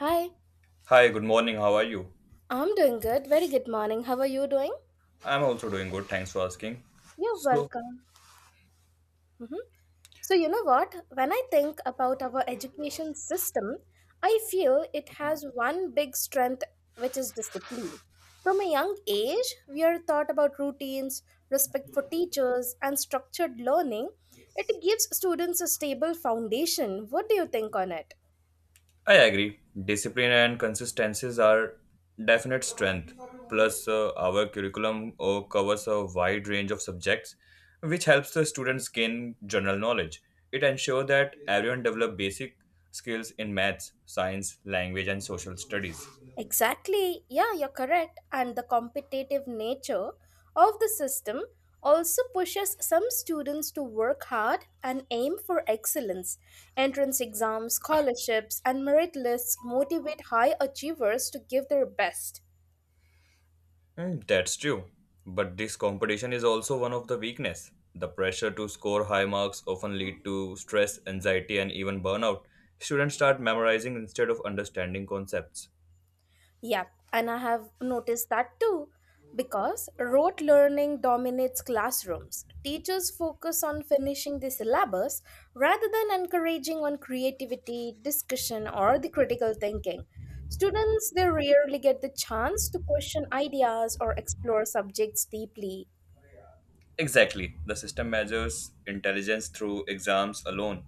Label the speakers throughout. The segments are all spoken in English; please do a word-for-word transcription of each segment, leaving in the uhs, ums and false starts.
Speaker 1: Hi,
Speaker 2: Hi, good morning. How are you?
Speaker 1: I'm doing good. Very good morning. How are you doing?
Speaker 2: I'm also doing good. Thanks for asking.
Speaker 1: You're welcome. hmm So, you know what? When I think about our education system, I feel it has one big strength, which is discipline. From a young age, we are taught about routines, respect for teachers, and structured learning. It gives students a stable foundation. What do you think on it?
Speaker 2: I agree. Discipline and consistencies are definite strength. Plus, uh, our curriculum uh, covers a wide range of subjects, which helps the students gain general knowledge. It ensures that everyone develops basic skills in maths, science, language, and social studies.
Speaker 1: Exactly. Yeah, you're correct. And the competitive nature of the system also pushes some students to work hard and aim for excellence. Entrance exams, scholarships, and merit lists motivate high achievers to give their best.
Speaker 2: Mm, that's true. But this competition is also one of the weakness. The pressure to score high marks often lead to stress, anxiety and even burnout. Students start memorizing instead of understanding concepts.
Speaker 1: Yep, and I have noticed that too. Because rote learning dominates classrooms, teachers focus on finishing the syllabus rather than encouraging on creativity, discussion, or the critical thinking. Students they rarely get the chance to question ideas or explore subjects deeply.
Speaker 2: Exactly. The system measures intelligence through exams alone,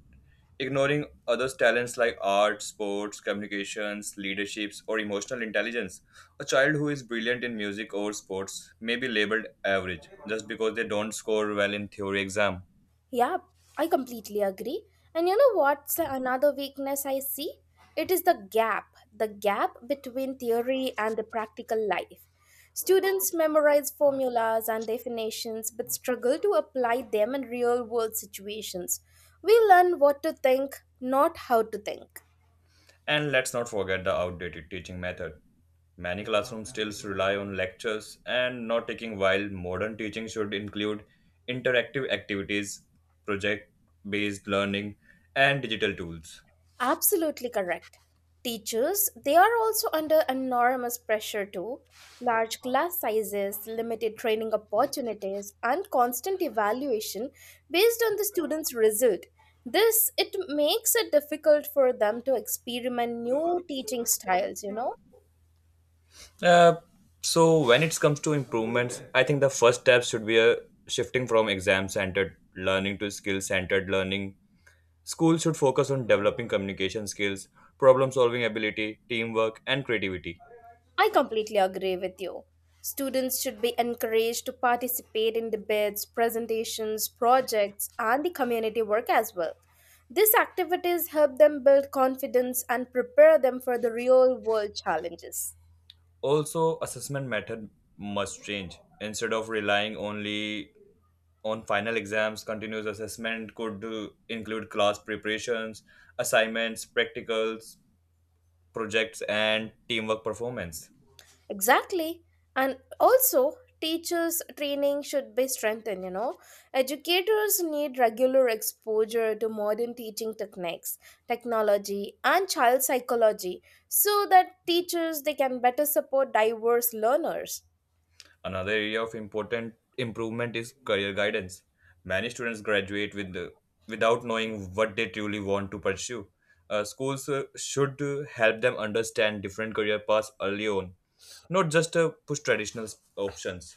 Speaker 2: ignoring other talents like art, sports, communications, leaderships, or emotional intelligence. A child who is brilliant in music or sports may be labeled average just because they don't score well in theory exam.
Speaker 1: Yeah, I completely agree. And you know what's another weakness I see? It is the gap, the gap between theory and the practical life. Students memorize formulas and definitions but struggle to apply them in real world situations. We learn what to think, not how to think.
Speaker 2: And let's not forget the outdated teaching method. Many classrooms still rely on lectures and not taking, while modern teaching should include interactive activities, project based learning, and digital tools.
Speaker 1: Absolutely correct. Teachers, they are also under enormous pressure too. Large class sizes, limited training opportunities, and constant evaluation based on the students' result. This it makes it difficult for them to experiment new teaching styles, you know.
Speaker 2: Uh, so, when it comes to improvements, I think the first step should be a shifting from exam centered learning to skill centered learning. Schools should focus on developing communication skills, problem solving ability, teamwork, and creativity.
Speaker 1: I completely agree with you. Students should be encouraged to participate in debates, presentations, projects, and the community work as well. These activities help them build confidence and prepare them for the real world challenges.
Speaker 2: Also, assessment method must change. Instead of relying only on final exams, continuous assessment could uh, include class preparations, assignments, practicals, projects, and teamwork performance.
Speaker 1: Exactly. And also, teachers' training should be strengthened, you know. Educators need regular exposure to modern teaching techniques, technology, and child psychology so that teachers they can better support diverse learners.
Speaker 2: Another area of important improvement is career guidance. Many students graduate with the, without knowing what they truly want to pursue. Uh, schools uh, should uh, help them understand different career paths early on, not just uh, push traditional options.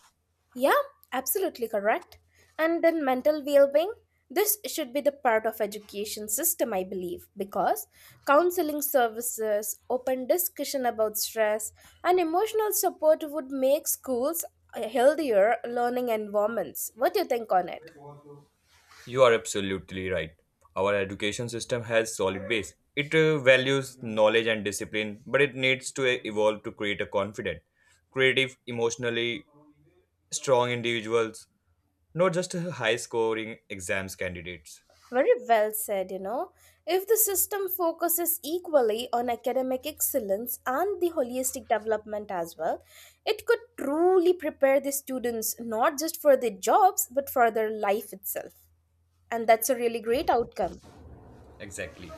Speaker 1: Yeah, absolutely correct. And then mental well-being, this should be the part of education system I believe because counseling services, open discussion about stress and emotional support would make schools a healthier learning environments. What do you think on it?
Speaker 2: You are absolutely right. Our education system has solid base. It uh, values knowledge and discipline, but it needs to uh, evolve to create a confident, creative, emotionally strong individuals, not just uh, high scoring exams candidates.
Speaker 1: Very well said, you know. If the system focuses equally on academic excellence and the holistic development as well, it could truly prepare the students not just for their jobs but for their life itself. And that's a really great outcome.
Speaker 2: Exactly.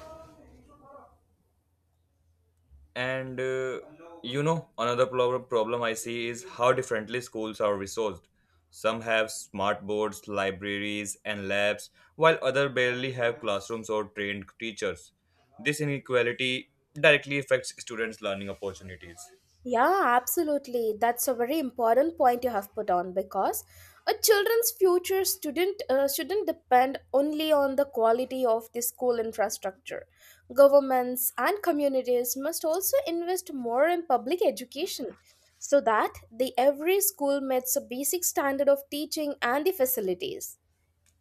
Speaker 2: And uh, you know, another prob- problem I see is how differently schools are resourced. Some have smart boards, libraries, and labs, while others barely have classrooms or trained teachers. This inequality directly affects students' learning opportunities.
Speaker 1: Yeah, absolutely. That's a very important point you have put on because a children's future student uh, shouldn't depend only on the quality of the school infrastructure. Governments and communities must also invest more in public education so that the every school meets a basic standard of teaching and the facilities.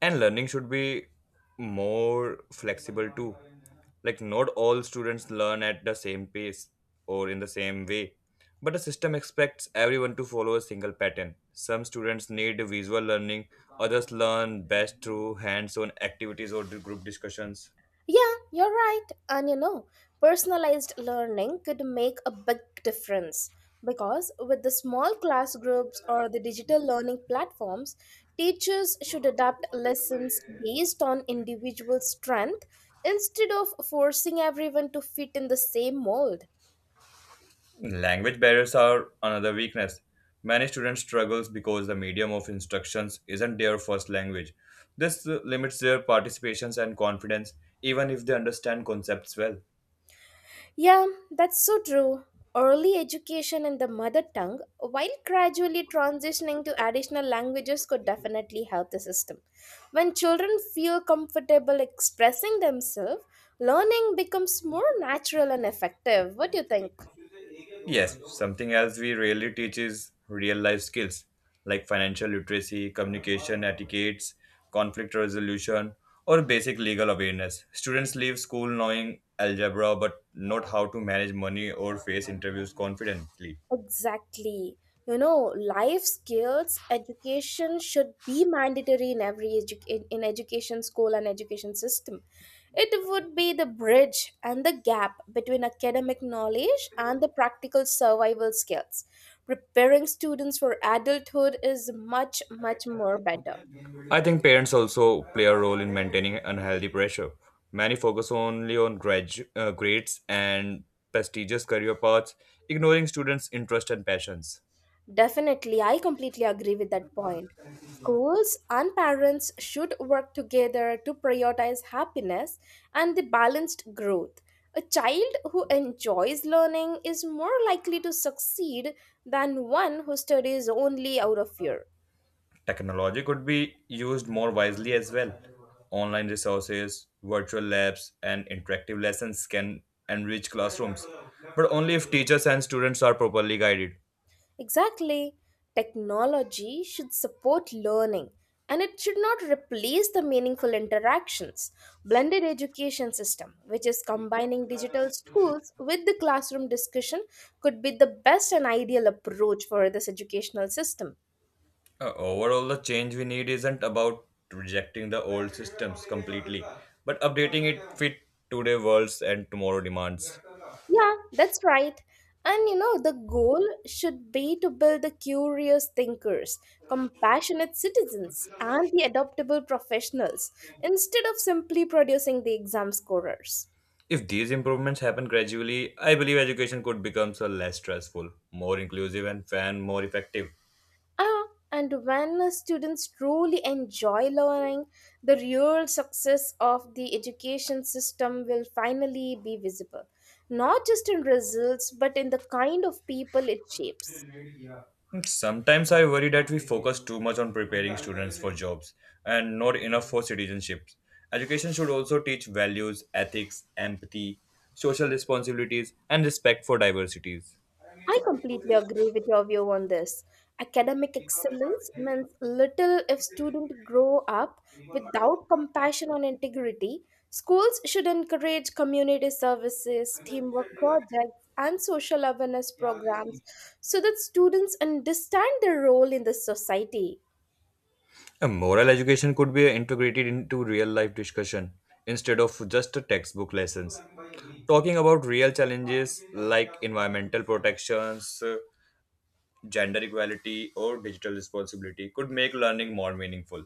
Speaker 2: And learning should be more flexible too, like not all students learn at the same pace or in the same way, but the system expects everyone to follow a single pattern. Some students need visual learning, others learn best through hands-on activities or group discussions.
Speaker 1: Yeah, you're right. And you know, personalized learning could make a big difference because with the small class groups or the digital learning platforms, teachers should adapt lessons based on individual strength instead of forcing everyone to fit in the same mold.
Speaker 2: Language barriers are another weakness. Many students struggles because the medium of instructions isn't their first language. This uh, limits their participations and confidence, even if they understand concepts well.
Speaker 1: Yeah, that's so true. Early education in the mother tongue, while gradually transitioning to additional languages, could definitely help the system. When children feel comfortable expressing themselves, learning becomes more natural and effective. What do you think?
Speaker 2: Yes, something else we rarely teach is real life skills like financial literacy, communication etiquettes, conflict resolution, or basic legal awareness. Students leave school knowing algebra but not how to manage money or face interviews confidently.
Speaker 1: Exactly. You know, life skills education should be mandatory in every edu- in, in education school and education system. It would be the bridge and the gap between academic knowledge and the practical survival skills. Preparing students for adulthood is much much more better.
Speaker 2: I think parents also play a role in maintaining unhealthy pressure. Many focus only on gradu- uh, grades and prestigious career paths, ignoring students' interests and passions.
Speaker 1: Definitely, I completely agree with that point. Schools and parents should work together to prioritize happiness and the balanced growth. A child who enjoys learning is more likely to succeed than one who studies only out of fear.
Speaker 2: Technology could be used more wisely as well. Online resources, virtual labs, and interactive lessons can enrich classrooms, but only if teachers and students are properly guided.
Speaker 1: Exactly. Technology should support learning and it should not replace the meaningful interactions. Blended education system, which is combining digital schools with the classroom discussion, could be the best and ideal approach for this educational system.
Speaker 2: Uh, overall, the change we need isn't about rejecting the old systems completely, but updating it fit today's worlds and tomorrow demands.
Speaker 1: Yeah, that's right. And you know, the goal should be to build the curious thinkers, compassionate citizens, and the adaptable professionals instead of simply producing the exam scorers.
Speaker 2: If these improvements happen gradually, I believe education could become so less stressful, more inclusive, and fan more effective.
Speaker 1: Ah, and when students truly enjoy learning, the real success of the education system will finally be visible, not just in results, but in the kind of people it shapes.
Speaker 2: Sometimes I worry that we focus too much on preparing students for jobs and not enough for citizenships. Education should also teach values, ethics, empathy, social responsibilities, and respect for diversities.
Speaker 1: I completely agree with your view on this. Academic excellence means little if students grow up without compassion and integrity. Schools should encourage community services, teamwork projects, and social awareness programs so that students understand their role in the society.
Speaker 2: A moral education could be integrated into real life discussion instead of just a textbook lessons. Talking about real challenges like environmental protections, uh, gender equality, or digital responsibility could make learning more meaningful.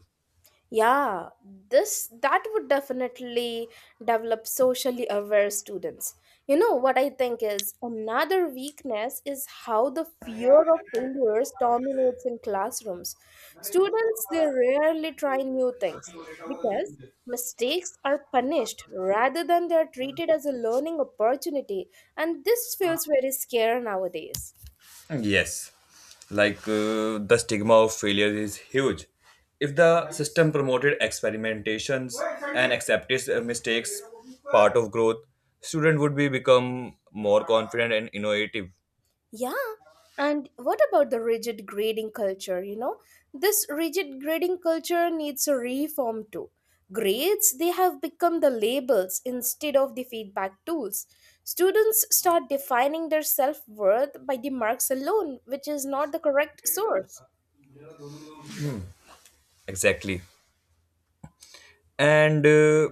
Speaker 1: Yeah, this that would definitely develop socially aware students. You know what I think is another weakness is how the fear of failures dominates in classrooms. Students they rarely try new things because mistakes are punished rather than they are treated as a learning opportunity and this feels very scary nowadays.
Speaker 2: Yes, like uh, the stigma of failure is huge. If the system promoted experimentations and accepted uh, mistakes part of growth, student would be become more confident and innovative.
Speaker 1: Yeah. And what about the rigid grading culture? You know, this rigid grading culture needs a reform too. Grades, they have become the labels instead of the feedback tools. Students start defining their self worth by the marks alone, which is not the correct source.
Speaker 2: Exactly. and uh,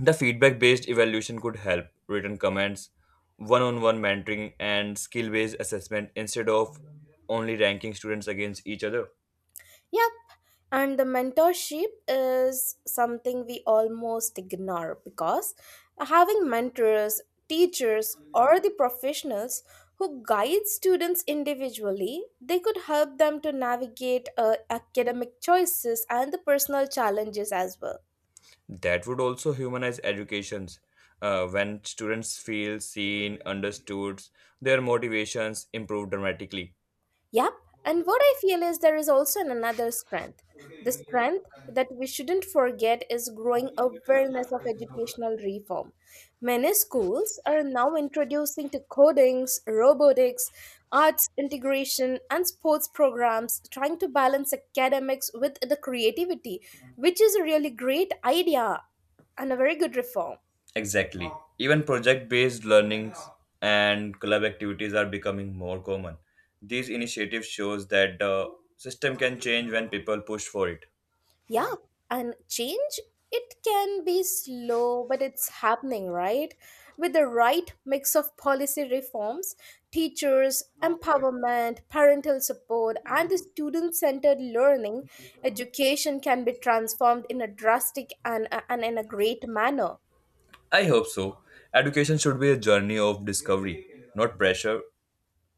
Speaker 2: the feedback based evaluation could help written comments, one on one mentoring and skill based assessment instead of only ranking students against each other.
Speaker 1: Yeah, and the mentorship is something we almost ignore because having mentors, teachers, or the professionals who guide students individually, they could help them to navigate uh, academic choices and the personal challenges as well.
Speaker 2: That would also humanize educations. Uh, when students feel seen understood, their motivations improve dramatically.
Speaker 1: Yep. And what I feel is there is also an- another strength. The strength that we shouldn't forget is growing awareness of educational reform. Many schools are now introducing to codings, robotics, arts integration, and sports programs, trying to balance academics with the creativity, which is a really great idea and a very good reform.
Speaker 2: Exactly. Even project based learnings and club activities are becoming more common. These initiatives shows that the system can change when people push for it.
Speaker 1: Yeah, and change, it can be slow, but it's happening, right? With the right mix of policy reforms, teachers, empowerment, parental support, and the student centered learning, education can be transformed in a drastic and, and in a great manner.
Speaker 2: I hope so. Education should be a journey of discovery, not pressure.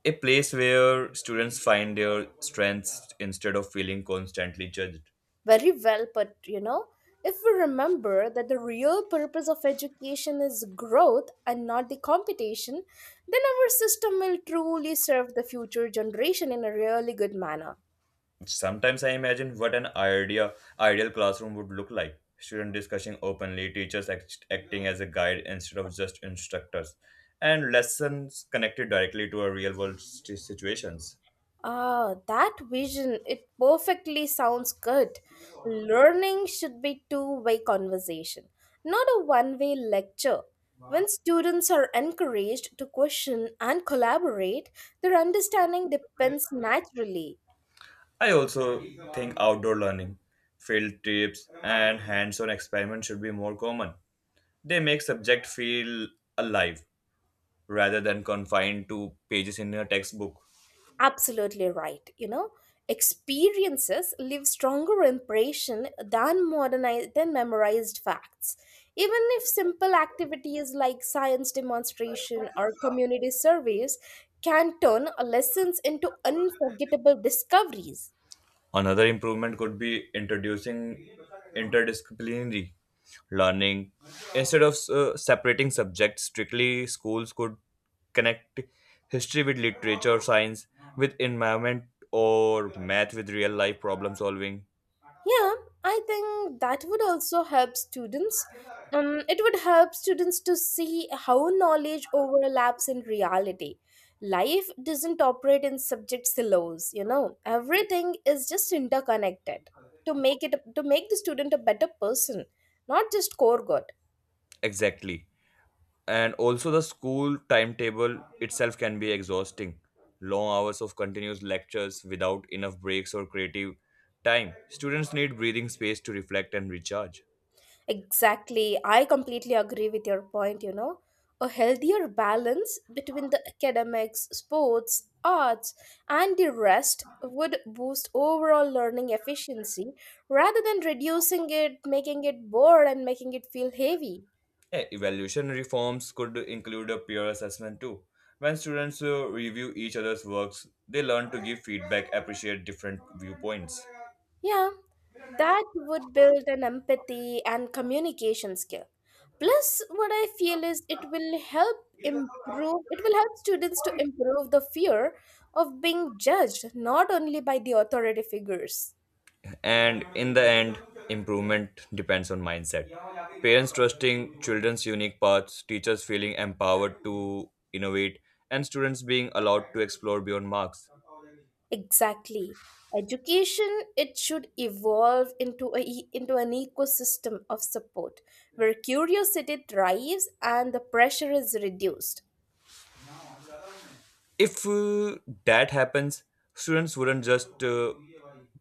Speaker 2: A place where students find their strengths instead of feeling constantly judged.
Speaker 1: Very well put, you know. If we remember that the real purpose of education is growth and not the competition, then our system will truly serve the future generation in a really good manner.
Speaker 2: Sometimes I imagine what an idea ideal classroom would look like. Students discussing openly, teachers act- acting as a guide instead of just instructors, and lessons connected directly to our real world st- situations.
Speaker 1: Ah, that vision, it perfectly sounds good. Learning should be two-way conversation, not a one-way lecture. When students are encouraged to question and collaborate, their understanding depends naturally.
Speaker 2: I also think outdoor learning, field trips, and hands on experiments should be more common. They make subject feel alive rather than confined to pages in a textbook.
Speaker 1: Absolutely right, you know experiences leave stronger impression than modernized than memorized facts, even if simple activities like science demonstration or community surveys can turn lessons into unforgettable discoveries.
Speaker 2: Another improvement could be introducing interdisciplinary learning. Instead of uh, separating subjects strictly, schools could connect history with literature, science with environment, or math with real life problem solving.
Speaker 1: Yeah, I think that would also help students. Um, it would help students to see how knowledge overlaps in reality. Life doesn't operate in subject silos, you know. Everything is just interconnected to make it to make the student a better person, not just core good.
Speaker 2: Exactly. And also, the school timetable itself can be exhausting. Long hours of continuous lectures without enough breaks or creative time. Students need breathing space to reflect and recharge.
Speaker 1: Exactly. I completely agree with your point, you know. A healthier balance between the academics, sports, arts, and the rest would boost overall learning efficiency rather than reducing it, making it bored, and making it feel heavy.
Speaker 2: Eh, evaluation reforms could include a peer assessment too. When students uh, review each other's works, they learn to give feedback, appreciate different viewpoints.
Speaker 1: Yeah, that would build an empathy and communication skill. Plus, what I feel is it will help improve, it will help students to improve the fear of being judged not only by the authority figures.
Speaker 2: And in the end, improvement depends on mindset. Parents trusting children's unique paths, teachers feeling empowered to innovate, and students being allowed to explore beyond marks.
Speaker 1: Exactly. Education, it should evolve into, a, e- into an ecosystem of support where curiosity thrives and the pressure is reduced.
Speaker 2: If uh, that happens, students wouldn't just uh,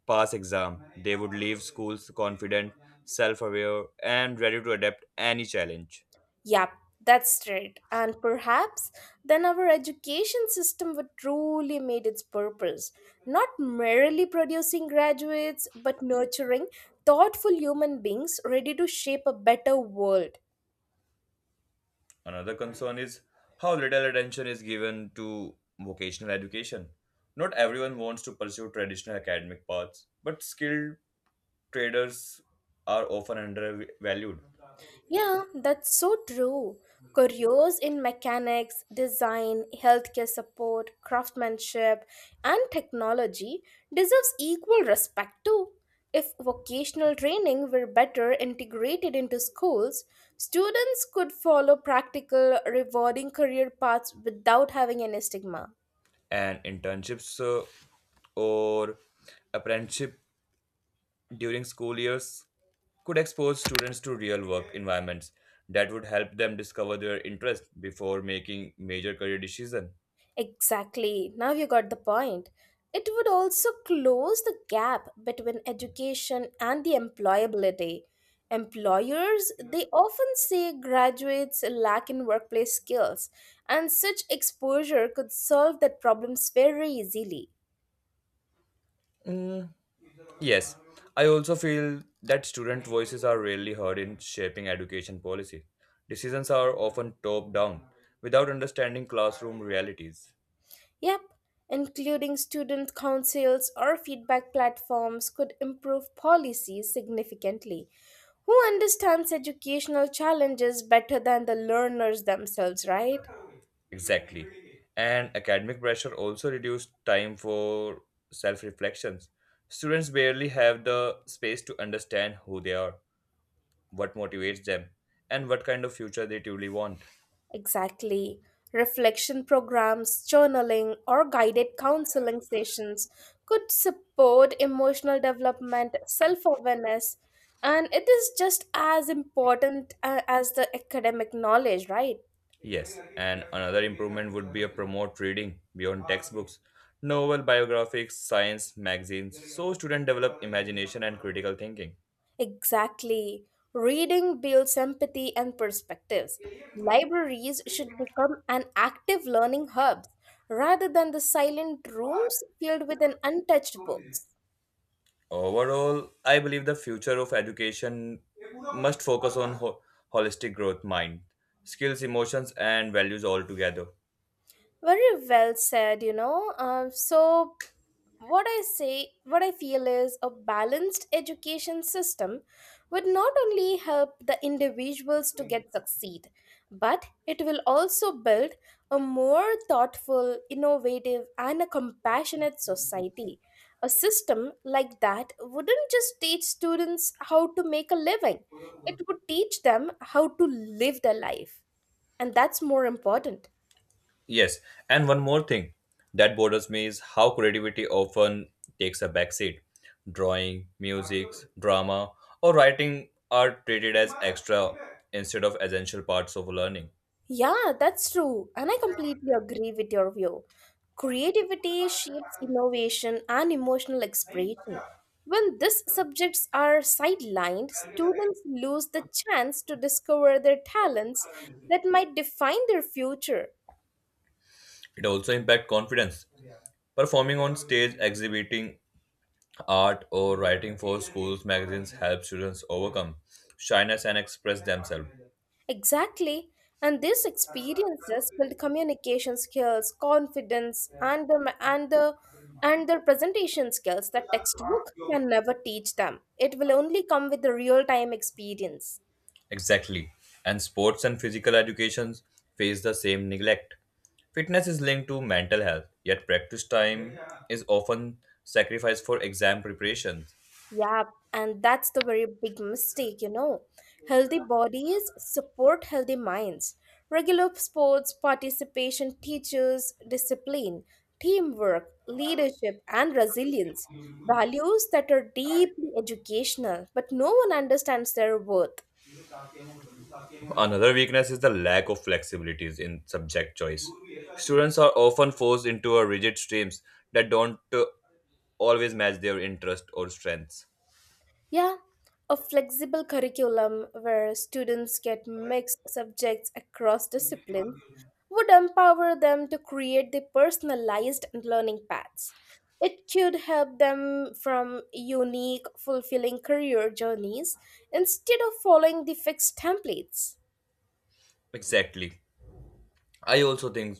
Speaker 2: pass exam. They would leave schools confident, self-aware, and ready to adapt any challenge.
Speaker 1: Yep, that's right. And perhaps then our education system would truly meet its purpose, not merely producing graduates, but nurturing thoughtful human beings ready to shape a better world.
Speaker 2: Another concern is how little attention is given to vocational education. Not everyone wants to pursue traditional academic paths, but skilled traders are often undervalued.
Speaker 1: Yeah, that's so true. Careers in mechanics, design, healthcare support, craftsmanship, and technology deserves equal respect too. If vocational training were better integrated into schools, students could follow practical, rewarding career paths without having any stigma.
Speaker 2: And internships uh, or apprenticeship during school years could expose students to real work environments that would help them discover their interest before making major career decisions.
Speaker 1: Exactly. Now you got the point. It would also close the gap between education and the employability. Employers, they often say graduates lack in workplace skills, and such exposure could solve that problems very easily.
Speaker 2: Yes, I also feel that student voices are rarely heard in shaping education policy. Decisions are often top down without understanding classroom realities.
Speaker 1: Yep, including student councils or feedback platforms could improve policies significantly. Who understands educational challenges better than the learners themselves, right?
Speaker 2: Exactly. And academic pressure also reduces time for self reflections. Students barely have the space to understand who they are, what motivates them, and what kind of future they truly want.
Speaker 1: Exactly. Reflection programs, journaling, or guided counseling sessions could support emotional development, self awareness, and it is just as important uh, as the academic knowledge, right?
Speaker 2: Yes, and another improvement would be a promote reading beyond textbooks, novel, biographies, science magazines, so students develop imagination and critical thinking.
Speaker 1: Exactly. Reading builds empathy and perspectives. Libraries should become an active learning hub rather than the silent rooms filled with an untouched books.
Speaker 2: Overall, I believe the future of education must focus on ho- holistic growth, mind, skills, emotions, and values all together.
Speaker 1: Very well said, you know. Um, so, what I say, what I feel is a balanced education system would not only help the individuals to get succeed, but it will also build a more thoughtful, innovative, and a compassionate society. A system like that wouldn't just teach students how to make a living, it would teach them how to live their life. And that's more important.
Speaker 2: Yes, and one more thing that bothers me is how creativity often takes a backseat. Drawing, music, drama, or writing are treated as extra instead of essential parts of learning.
Speaker 1: Yeah, that's true, and I completely agree with your view. Creativity shapes innovation and emotional expression. When these subjects are sidelined, students lose the chance to discover their talents that might define their future.
Speaker 2: It also impacts confidence. Performing on stage, exhibiting art, or writing for schools magazines help students overcome shyness and express themselves.
Speaker 1: Exactly. And these experiences build communication skills, confidence, and the and the and their presentation skills that textbook can never teach them. It will only come with the real time experience.
Speaker 2: Exactly. And sports and physical educations face the same neglect. Fitness is linked to mental health, yet practice time is often sacrificed for exam preparation.
Speaker 1: Yeah, and that's the very big mistake, you know. Healthy bodies support healthy minds. Regular sports participation teaches discipline, teamwork, leadership, and resilience. Values that are deeply educational, but no one understands their worth.
Speaker 2: Another weakness is the lack of flexibilities in subject choice. Students are often forced into a rigid streams that don't uh, always match their interest or strengths.
Speaker 1: Yeah, a flexible curriculum where students get mixed subjects across disciplines would empower them to create their personalized learning paths. It could help them from unique, fulfilling career journeys instead of following the fixed templates.
Speaker 2: Exactly. I also think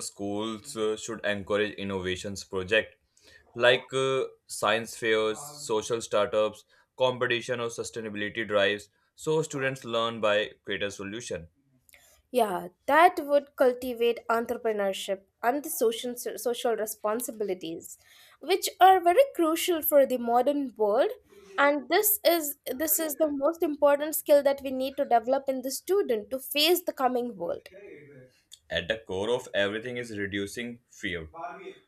Speaker 2: schools uh, should encourage innovations project like uh, science fairs, social startups, competition or sustainability drives, so students learn by creative solution.
Speaker 1: Yeah, that would cultivate entrepreneurship and the social social responsibilities, which are very crucial for the modern world. And this is this is the most important skill that we need to develop in the student to face the coming world.
Speaker 2: At the core of everything is reducing fear.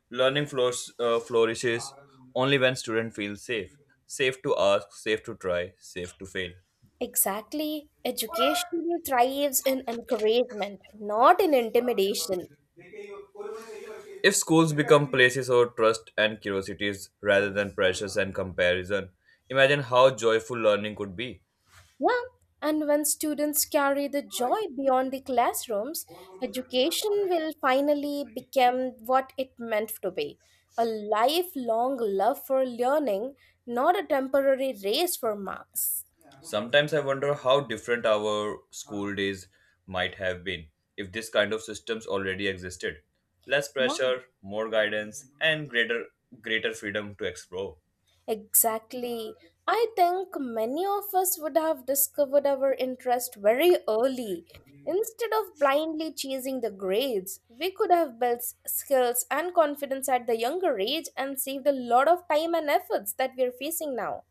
Speaker 2: Learning flours, uh, flourishes only when student feels safe. Safe to ask, safe to try, safe to fail.
Speaker 1: Exactly, education thrives in encouragement, not in intimidation.
Speaker 2: If schools become places of trust and curiosities rather than pressures and comparison, imagine how joyful learning could be.
Speaker 1: Yeah, and when students carry the joy beyond the classrooms, education will finally become what it meant to be a lifelong love for learning, not a temporary race for marks.
Speaker 2: Sometimes I wonder how different our school days might have been if this kind of systems already existed. Less
Speaker 1: Yeah.
Speaker 2: pressure, more guidance, and greater greater freedom to explore.
Speaker 1: Exactly. I think many of us would have discovered our interest very early. Instead of blindly chasing the grades, we could have built skills and confidence at the younger age and saved a lot of time and efforts that we are facing now.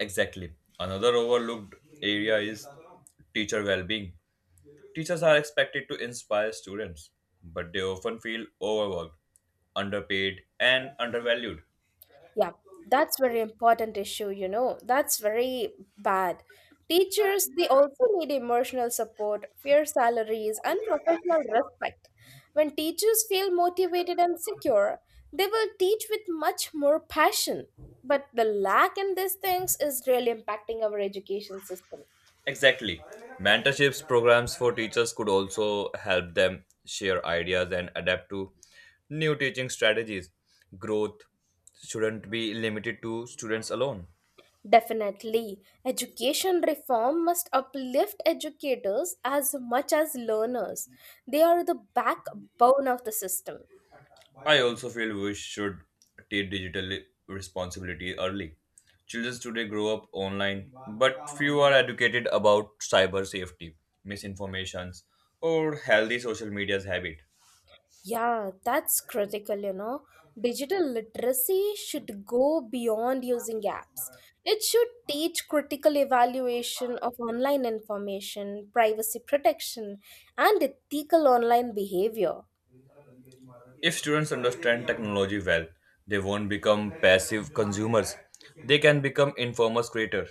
Speaker 2: Exactly. Another overlooked area is teacher well-being. Teachers are expected to inspire students, but they often feel overworked, underpaid, and undervalued.
Speaker 1: Yeah, that's very important issue, you know. That's very bad. Teachers, they also need emotional support, fair salaries, and professional respect. When teachers feel motivated and secure, they will teach with much more passion. But the lack in these things is really impacting our education system.
Speaker 2: Exactly. Mentorships programs for teachers could also help them share ideas and adapt to new teaching strategies. Growth shouldn't be limited to students alone.
Speaker 1: Definitely, education reform must uplift educators as much as learners. They are the backbone of the system.
Speaker 2: I also feel we should take digital responsibility early. Children today grow up online, but few are educated about cyber safety, misinformations, or healthy social media's habit.
Speaker 1: Yeah, that's critical, you know. Digital literacy should go beyond using apps. It should teach critical evaluation of online information, privacy protection, and ethical online behavior.
Speaker 2: If students understand technology well, they won't become passive consumers. They can become informers creators.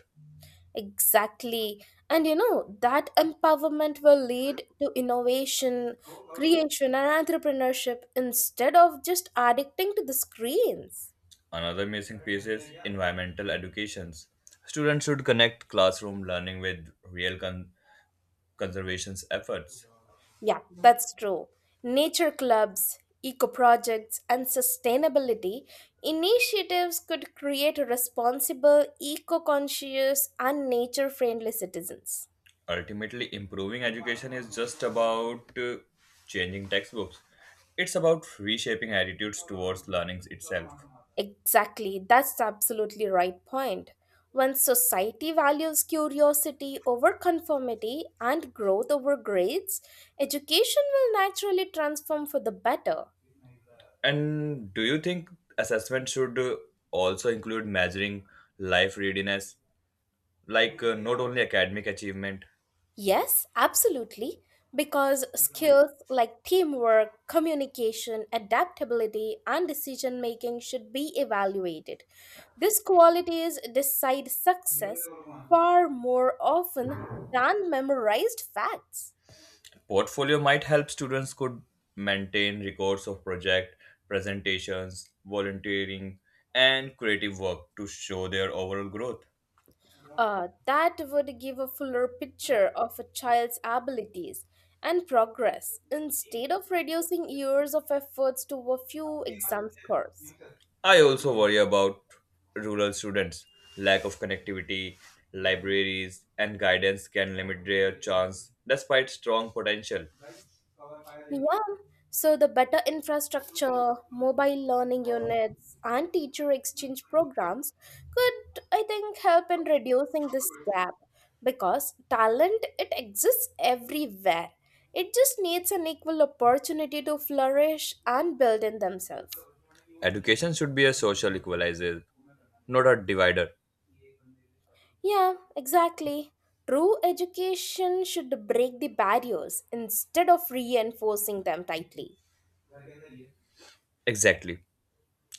Speaker 1: Exactly. And you know, that empowerment will lead to innovation, creation, and entrepreneurship instead of just addicting to the screens.
Speaker 2: Another missing piece is environmental educations. Students should connect classroom learning with real con- conservation efforts.
Speaker 1: Yeah, that's true. Nature clubs, eco projects, and sustainability initiatives could create responsible, eco conscious, and nature friendly citizens.
Speaker 2: Ultimately, improving education is just about uh, changing textbooks. It's about reshaping attitudes towards learning itself.
Speaker 1: Exactly, that's absolutely right point. When society values curiosity over conformity and growth over grades, education will naturally transform for the better.
Speaker 2: And do you think assessment should uh, also include measuring life readiness, like uh, not only academic achievement?
Speaker 1: Yes, absolutely. Because skills like teamwork, communication, adaptability, and decision making should be evaluated. These qualities decide success far more often than memorized facts.
Speaker 2: Portfolio might help. Students could maintain records of project presentations, volunteering, and creative work to show their overall growth.
Speaker 1: Uh, that would give a fuller picture of a child's abilities and progress instead of reducing years of efforts to a few exam scores.
Speaker 2: I also worry about rural students. Lack of connectivity, libraries, and guidance can limit their chance despite strong potential.
Speaker 1: Yeah, so the better infrastructure, mobile learning units, and teacher exchange programs could, I think, help in reducing this gap because talent it exists everywhere. It just needs an equal opportunity to flourish and build in themselves.
Speaker 2: Education should be a social equalizer, not a divider.
Speaker 1: Yeah, exactly. True education should break the barriers instead of reinforcing them tightly.
Speaker 2: Exactly.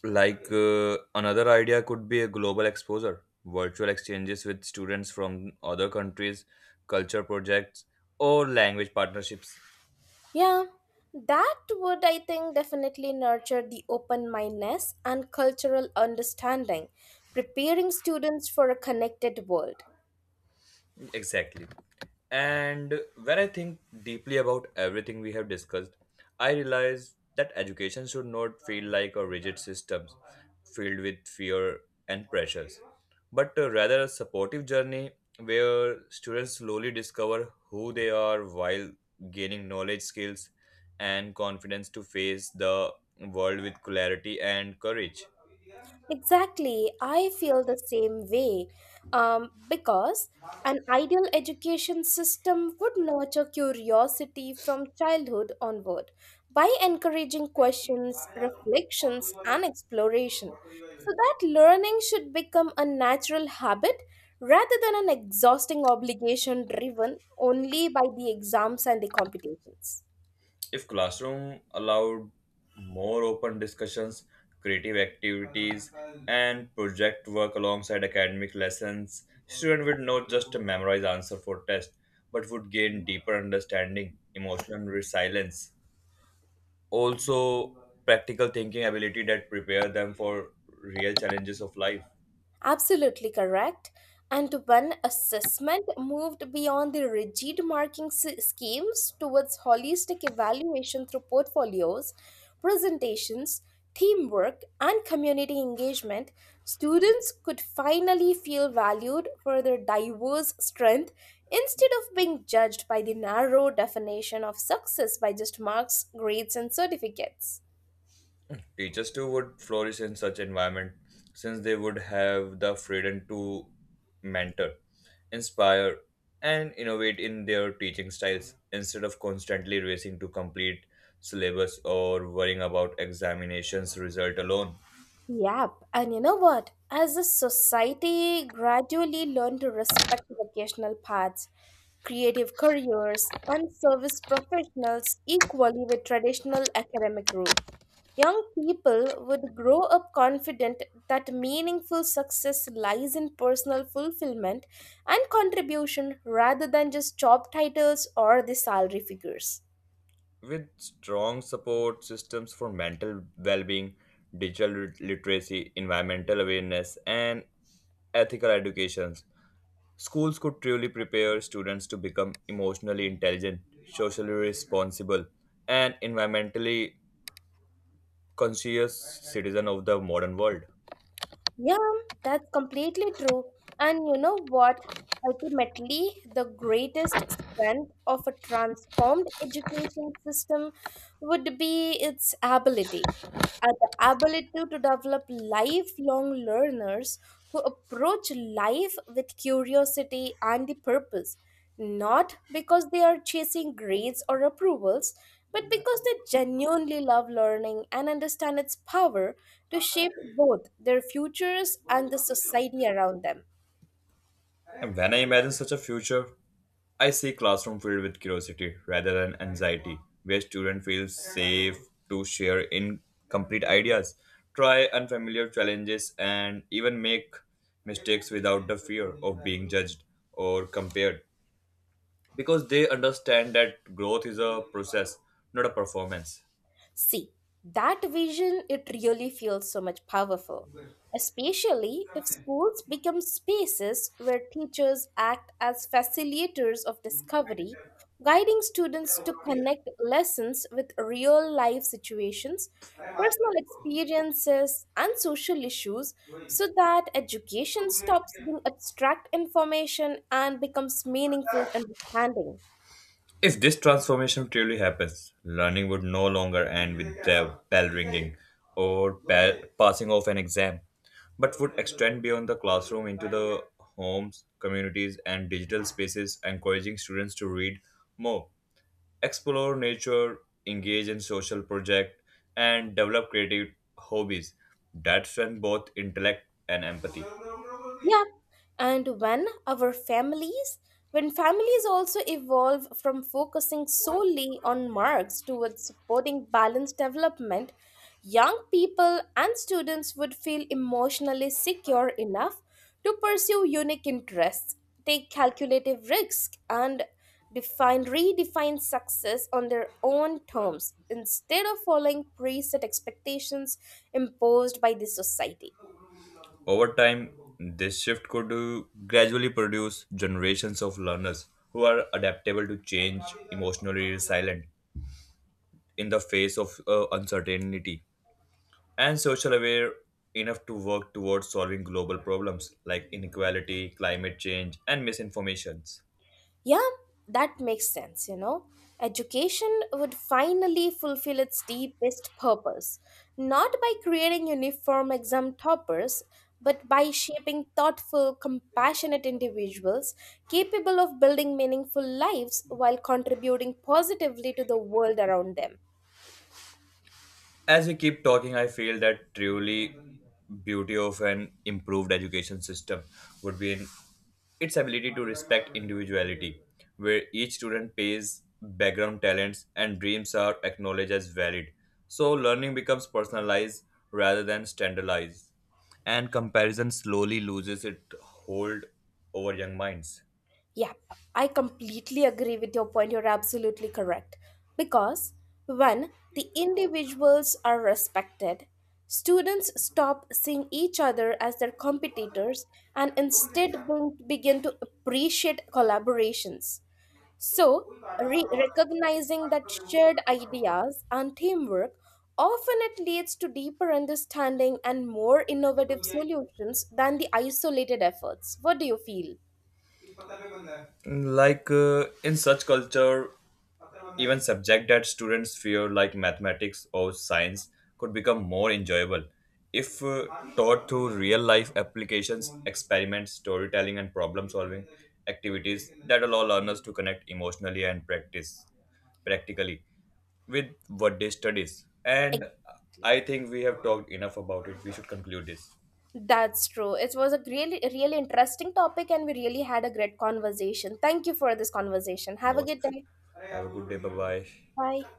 Speaker 2: Like uh, another idea could be a global exposure, virtual exchanges with students from other countries, culture projects, or language partnerships.
Speaker 1: Yeah, that would, I think, definitely nurture the open mindedness and cultural understanding, preparing students for a connected world.
Speaker 2: Exactly. And when I think deeply about everything we have discussed, I realize that education should not feel like a rigid system filled with fear and pressures, but uh, rather a supportive journey where students slowly discover who they are while gaining knowledge, skills, and confidence to face the world with clarity and courage.
Speaker 1: Exactly, I feel the same way um, because an ideal education system would nurture curiosity from childhood onward by encouraging questions, reflections, and exploration. So that learning should become a natural habit rather than an exhausting obligation driven only by the exams and the competitions.
Speaker 2: If classroom allowed more open discussions, creative activities, and project work alongside academic lessons, students would not just memorize answer for test, but would gain deeper understanding, emotional resilience, also practical thinking ability that prepare them for real challenges of life.
Speaker 1: Absolutely correct. And when assessment moved beyond the rigid marking s- schemes towards holistic evaluation through portfolios, presentations, teamwork, and community engagement, students could finally feel valued for their diverse strength instead of being judged by the narrow definition of success by just marks, grades, and certificates.
Speaker 2: Teachers too would flourish in such environment since they would have the freedom to mentor, inspire, and innovate in their teaching styles instead of constantly racing to complete syllabus or worrying about examinations result alone.
Speaker 1: Yep, and you know what? As a society gradually learn to respect vocational paths, creative careers, and service professionals equally with traditional academic routes, young people would grow up confident that meaningful success lies in personal fulfillment and contribution rather than just job titles or the salary figures.
Speaker 2: With strong support systems for mental well-being, digital lit- literacy, environmental awareness, and ethical education, schools could truly prepare students to become emotionally intelligent, socially responsible, and environmentally conscious citizens of the modern world.
Speaker 1: Yeah, that's completely true. And you know what? Ultimately, the greatest strength of a transformed education system would be its ability. Uh, the ability to develop lifelong learners who approach life with curiosity and the purpose, not because they are chasing grades or approvals, but because they genuinely love learning and understand its power to shape both their futures and the society around them.
Speaker 2: And when I imagine such a future, I see classroom filled with curiosity rather than anxiety, where students feel safe to share incomplete ideas, try unfamiliar challenges, and even make mistakes without the fear of being judged or compared, because they understand that growth is a process, not a performance.
Speaker 1: See, that vision, it really feels so much powerful, especially if schools become spaces where teachers act as facilitators of discovery, guiding students to connect lessons with real life situations, personal experiences, and social issues so that education stops being abstract information and becomes meaningful understanding.
Speaker 2: If this transformation truly happens, learning would no longer end with the bell ringing or pa- passing of an exam, but would extend beyond the classroom into the homes, communities, and digital spaces, encouraging students to read more, explore nature, engage in social projects, and develop creative hobbies that strengthen both intellect and empathy.
Speaker 1: Yeah. And when our families, when families also evolve from focusing solely on marks towards supporting balanced development, young people and students would feel emotionally secure enough to pursue unique interests, take calculative risks, and define redefine success on their own terms instead of following preset expectations imposed by the society.
Speaker 2: Over time, this shift could uh, gradually produce generations of learners who are adaptable to change, emotionally resilient in the face of uh, uncertainty, and social aware enough to work towards solving global problems like inequality, climate change, and misinformations.
Speaker 1: Yeah, that makes sense, you know. Education would finally fulfill its deepest purpose, not by creating uniform exam toppers, but by shaping thoughtful, compassionate individuals capable of building meaningful lives while contributing positively to the world around them.
Speaker 2: As we keep talking, I feel that truly beauty of an improved education system would be in its ability to respect individuality, where each student pays background talents and dreams are acknowledged as valid. So learning becomes personalized rather than standardized, and comparison slowly loses its hold over young minds.
Speaker 1: Yep, I completely agree with your point. You're absolutely correct. Because when the individuals are respected, students stop seeing each other as their competitors and instead bring- begin to appreciate collaborations. So, re- recognizing that shared ideas and teamwork often it leads to deeper understanding and more innovative solutions than the isolated efforts. What do you feel?
Speaker 2: Like uh, in such culture, even subject that students fear like mathematics or science could become more enjoyable if uh, taught through real life applications experiments storytelling and problem solving activities that allow learners to connect emotionally and practice practically with what they studies and
Speaker 1: Exactly.
Speaker 2: I think we have talked enough about it. We should conclude this
Speaker 1: That's true. It was a really, really interesting topic, and we really had a great conversation. Thank you for this conversation. Have a
Speaker 2: most.
Speaker 1: good day.
Speaker 2: Have a good day. Bye bye.
Speaker 1: Bye.